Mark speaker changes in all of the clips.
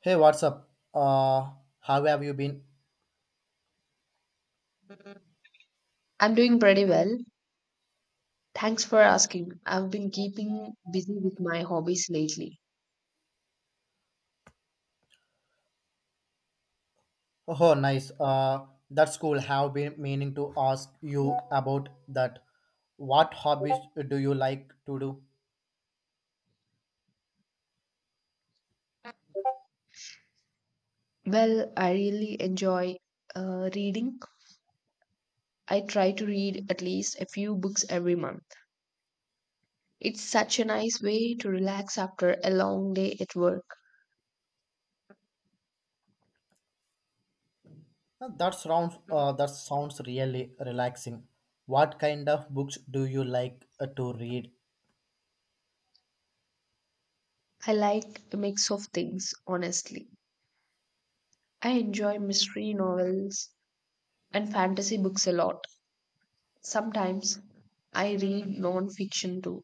Speaker 1: Hey, what's up? How have you been?
Speaker 2: I'm doing pretty well. Thanks for asking. I've been keeping busy with my hobbies lately.
Speaker 1: Oh, nice. That's cool. Have been meaning to ask you about that. What hobbies do you like to do?
Speaker 2: Well, I really enjoy reading. I try to read at least a few books every month. It's such a nice way to relax after a long day at work.
Speaker 1: That sounds that sounds really relaxing. What kind of books do you like to read?
Speaker 2: I like a mix of things, honestly. I enjoy mystery novels and fantasy books a lot. Sometimes I read non-fiction too,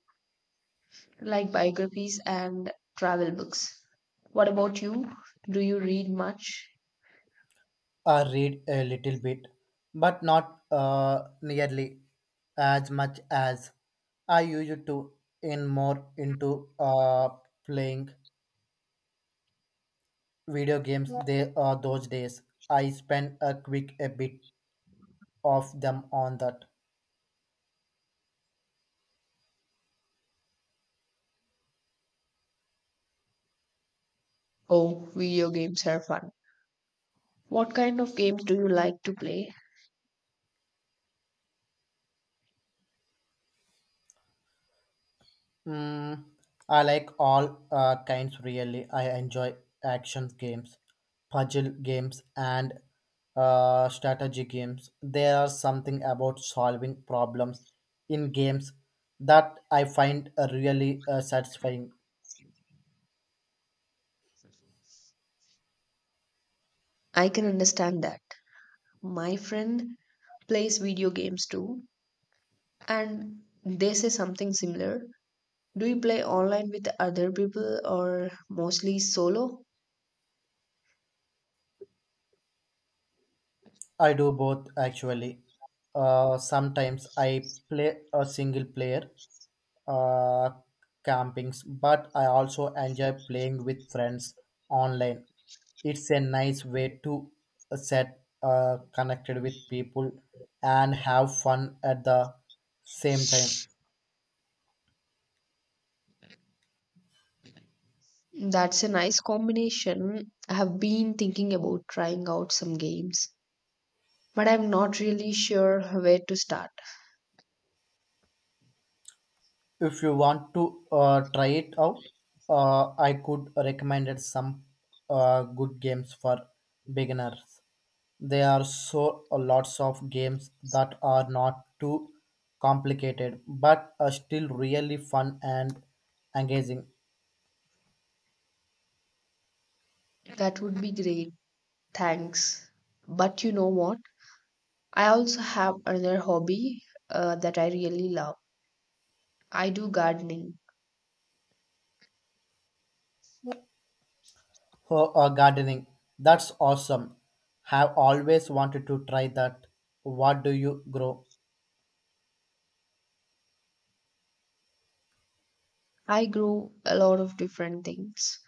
Speaker 2: like biographies and travel books. What about you? Do you read much?
Speaker 1: I read a little bit, but not nearly as much as I used to. In more into uh, playing video games, they are those days. I spend a quick a bit of them on that.
Speaker 2: Oh, video games are fun. What kind of games do you like to play?
Speaker 1: Mm, I like all kinds really. I enjoy action games, puzzle games, and strategy games. There are something about solving problems in games that I find really satisfying.
Speaker 2: I can understand that. My friend plays video games too, and they say something similar. Do you play online with other people or mostly solo?
Speaker 1: I do both actually. Sometimes I play a single player uh, campings, but I also enjoy playing with friends online. It's a nice way to set connected with people and have fun at the same time.
Speaker 2: That's a nice combination. I have been thinking about trying out some games, but I'm not really sure where to start.
Speaker 1: If you want to try it out, I could recommend it some good games for beginners. There are so lots of games that are not too complicated but are still really fun and engaging.
Speaker 2: That would be great. Thanks. But you know what? I also have another hobby that I really love. I do gardening.
Speaker 1: Oh, gardening, that's awesome. Have always wanted to try that. What do you grow?
Speaker 2: I grow a lot of different things.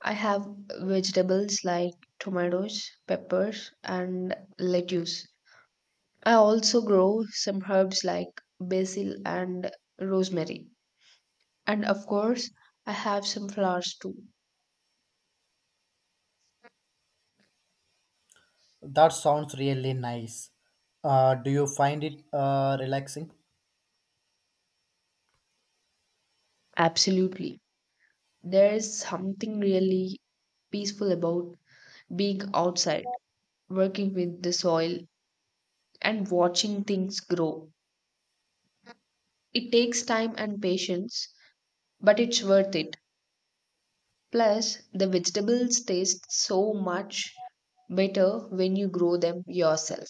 Speaker 2: I have vegetables like tomatoes, peppers, and lettuce. I also grow some herbs like basil and rosemary. And of course, I have some flowers too.
Speaker 1: That sounds really nice. Do you find it relaxing?
Speaker 2: Absolutely. There is something really peaceful about being outside, working with the soil, and watching things grow. It takes time and patience, but it's worth it. Plus, the vegetables taste so much better when you grow them yourself.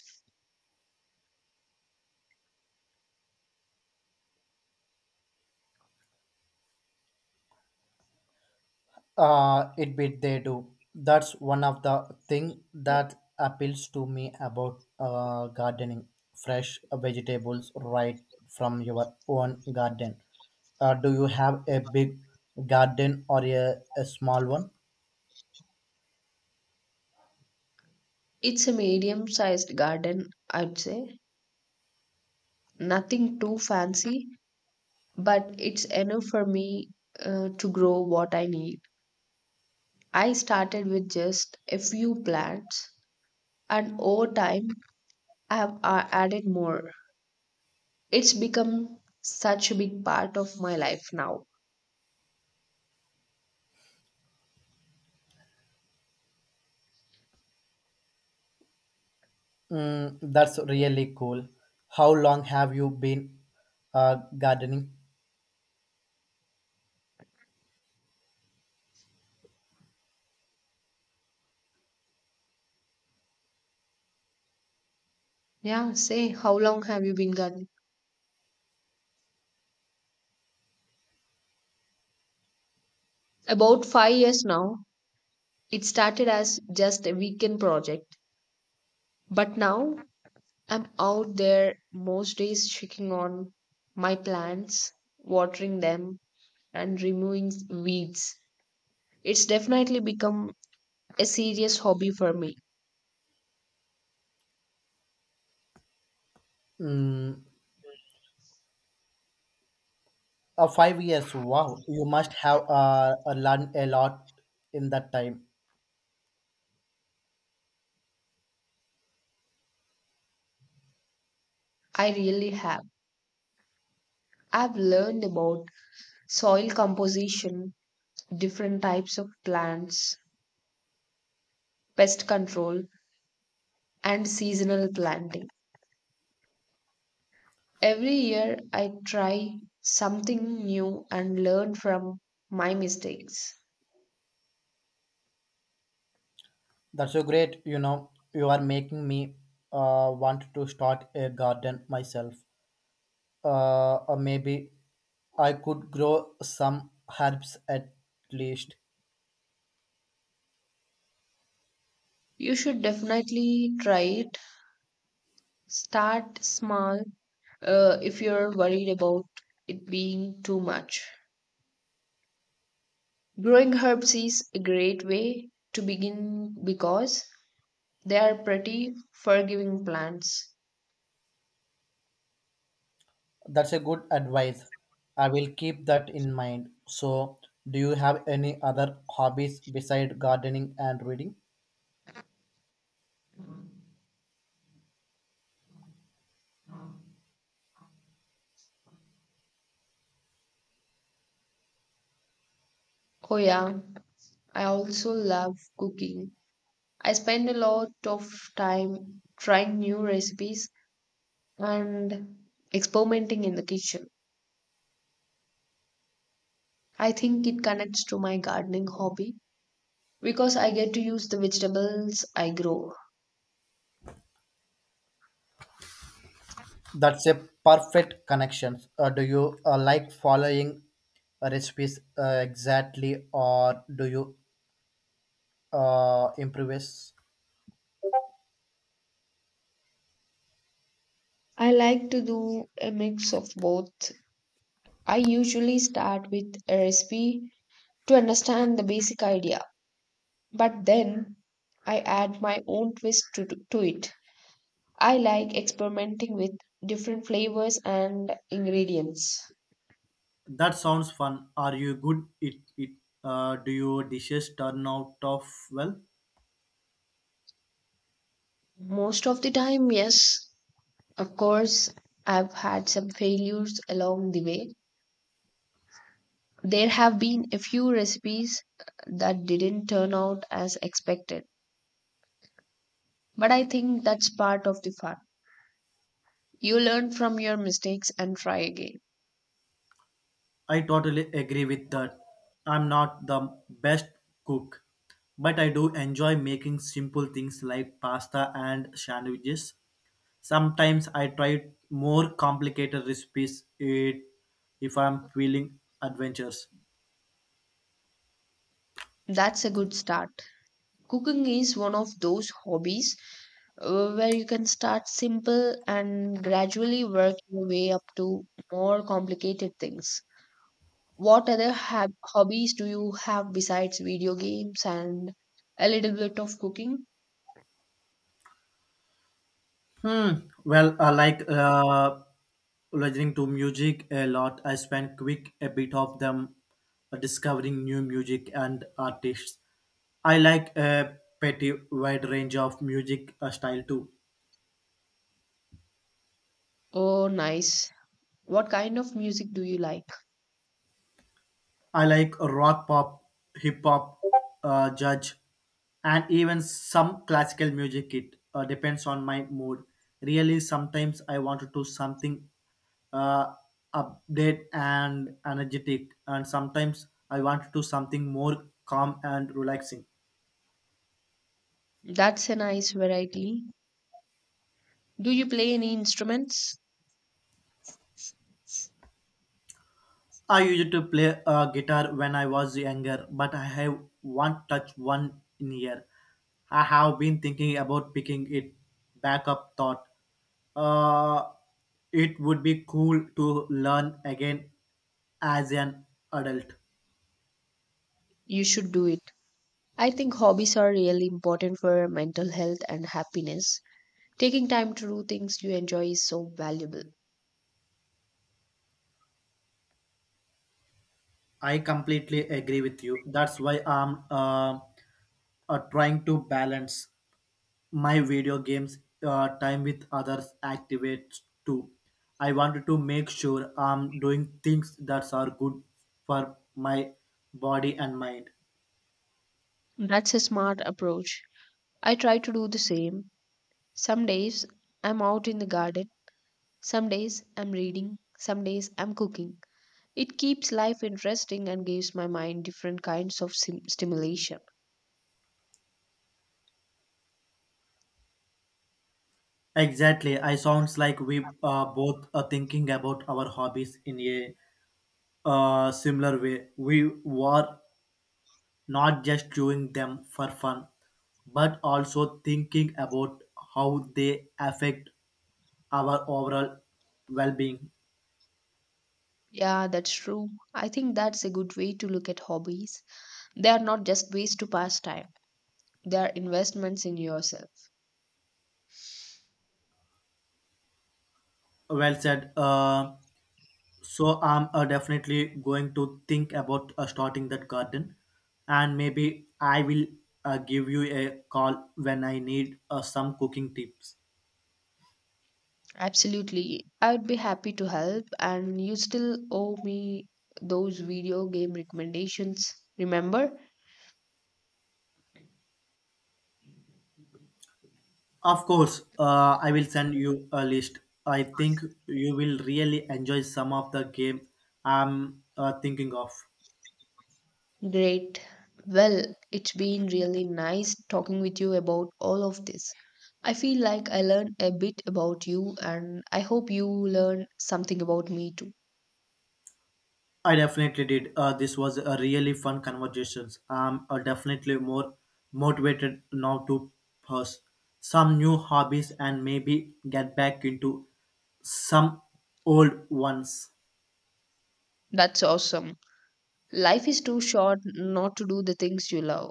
Speaker 1: It bit they do. That's one of the thing that appeals to me about gardening. Fresh vegetables right from your own garden. Do you have a big garden or a small one?
Speaker 2: It's a medium sized garden, I'd say. Nothing too fancy, but it's enough for me to grow what I need. I started with just a few plants, and over time I have added more. It's become such a big part of my life now.
Speaker 1: Mm, that's really cool. How long have you been gardening?
Speaker 2: Yeah, say how long have you been gardening. About 5 years now. It started as just a weekend project, but now I'm out there most days checking on my plants, watering them, and removing weeds. It's definitely become a serious hobby for me.
Speaker 1: Mm, 5 years. Wow, you must have learned a lot in that time.
Speaker 2: I really have. I've learned about soil composition, different types of plants, pest control, and seasonal planting. Every year, I try something new and learn from my mistakes.
Speaker 1: That's so great. You know, you are making me want to start a garden myself. Or maybe I could grow some herbs at least.
Speaker 2: You should definitely try it. Start small if you're worried about it being too much. Growing herbs is a great way to begin because they are pretty forgiving plants.
Speaker 1: That's a good advice. I will keep that in mind. So, do you have any other hobbies beside gardening and reading?
Speaker 2: Oh, yeah, I also love cooking. I spend a lot of time trying new recipes and experimenting in the kitchen. I think it connects to my gardening hobby because I get to use the vegetables I grow.
Speaker 1: That's a perfect connection. Do you like following recipes exactly, or do you improvise?
Speaker 2: I like to do a mix of both. I usually start with a recipe to understand the basic idea, but then I add my own twist to it. I like experimenting with different flavors and ingredients.
Speaker 1: That sounds fun. Are you good? It Do your dishes turn out of well?
Speaker 2: Most of the time, yes. Of course, I've had some failures along the way. There have been a few recipes that didn't turn out as expected, but I think that's part of the fun. You learn from your mistakes and try again.
Speaker 1: I totally agree with that. I'm not the best cook, but I do enjoy making simple things like pasta and sandwiches. Sometimes I try more complicated recipes it if I'm feeling adventurous.
Speaker 2: That's a good start. Cooking is one of those hobbies where you can start simple and gradually work your way up to more complicated things. What other hab hobbies do you have besides video games and a little bit of cooking?
Speaker 1: Hmm. Well, I like listening to music a lot. I spend quick a bit of them discovering new music and artists. I like a pretty wide range of music style too.
Speaker 2: Oh, nice. What kind of music do you like?
Speaker 1: I like rock pop, hip hop, judge, and even some classical music. It depends on my mood. Really, sometimes I want to do something uh, update and energetic, and sometimes I want to do something more calm and relaxing.
Speaker 2: That's a nice variety. Do you play any instruments?
Speaker 1: I used to play guitar when I was younger, but I have one touch one in here. I have been thinking about picking it back up. Thought. Uh, It would be cool to learn again as an adult.
Speaker 2: You should do it. I think hobbies are really important for mental health and happiness. Taking time to do things you enjoy is so valuable.
Speaker 1: I completely agree with you. That's why I'm trying to balance my video games time with other activities too. I wanted to make sure I'm doing things that are good for my body and mind.
Speaker 2: That's a smart approach. I try to do the same. Some days I'm out in the garden, some days I'm reading, some days I'm cooking. It keeps life interesting and gives my mind different kinds of stimulation.
Speaker 1: Exactly. I sounds like we both are thinking about our hobbies in a similar way. We were not just doing them for fun, but also thinking about how they affect our overall well-being.
Speaker 2: Yeah, that's true. I think that's a good way to look at hobbies. They are not just ways to pass time, they are investments in yourself.
Speaker 1: Well said. So I'm definitely going to think about starting that garden, and maybe I will give you a call when I need some cooking tips.
Speaker 2: Absolutely. I would be happy to help, and you still owe me those video game recommendations. Remember?
Speaker 1: Of course, I will send you a list. I think you will really enjoy some of the game I'm thinking of.
Speaker 2: Great. Well, it's been really nice talking with you about all of this. I feel like I learned a bit about you, and I hope you learn something about me too.
Speaker 1: I definitely did. This was a really fun conversations. I'm definitely more motivated now to pursue some new hobbies and maybe get back into some old ones.
Speaker 2: That's awesome. Life is too short not to do the things you love.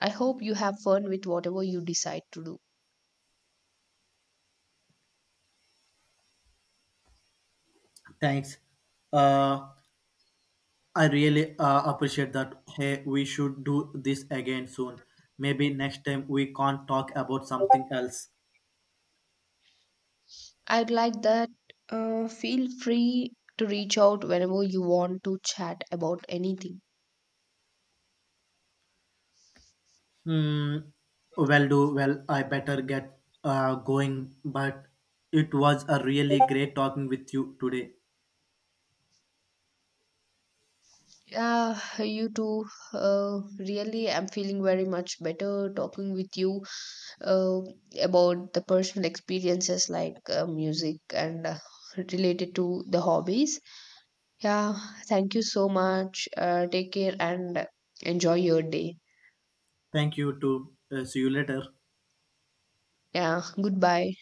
Speaker 2: I hope you have fun with whatever you decide to do.
Speaker 1: Thanks. Uh, I really appreciate that. Hey, we should do this again soon. Maybe next time we can't talk about something else.
Speaker 2: I'd like that. Feel free to reach out whenever you want to chat about anything.
Speaker 1: Hmm. Well, do well. I better get going. But it was a really great talking with you today.
Speaker 2: Yeah, you too. Really, I'm feeling very much better talking with you uh, about the personal experiences like music and related to the hobbies. Yeah, thank you so much. Take care and enjoy your day.
Speaker 1: Thank you. To see you later.
Speaker 2: Yeah, goodbye.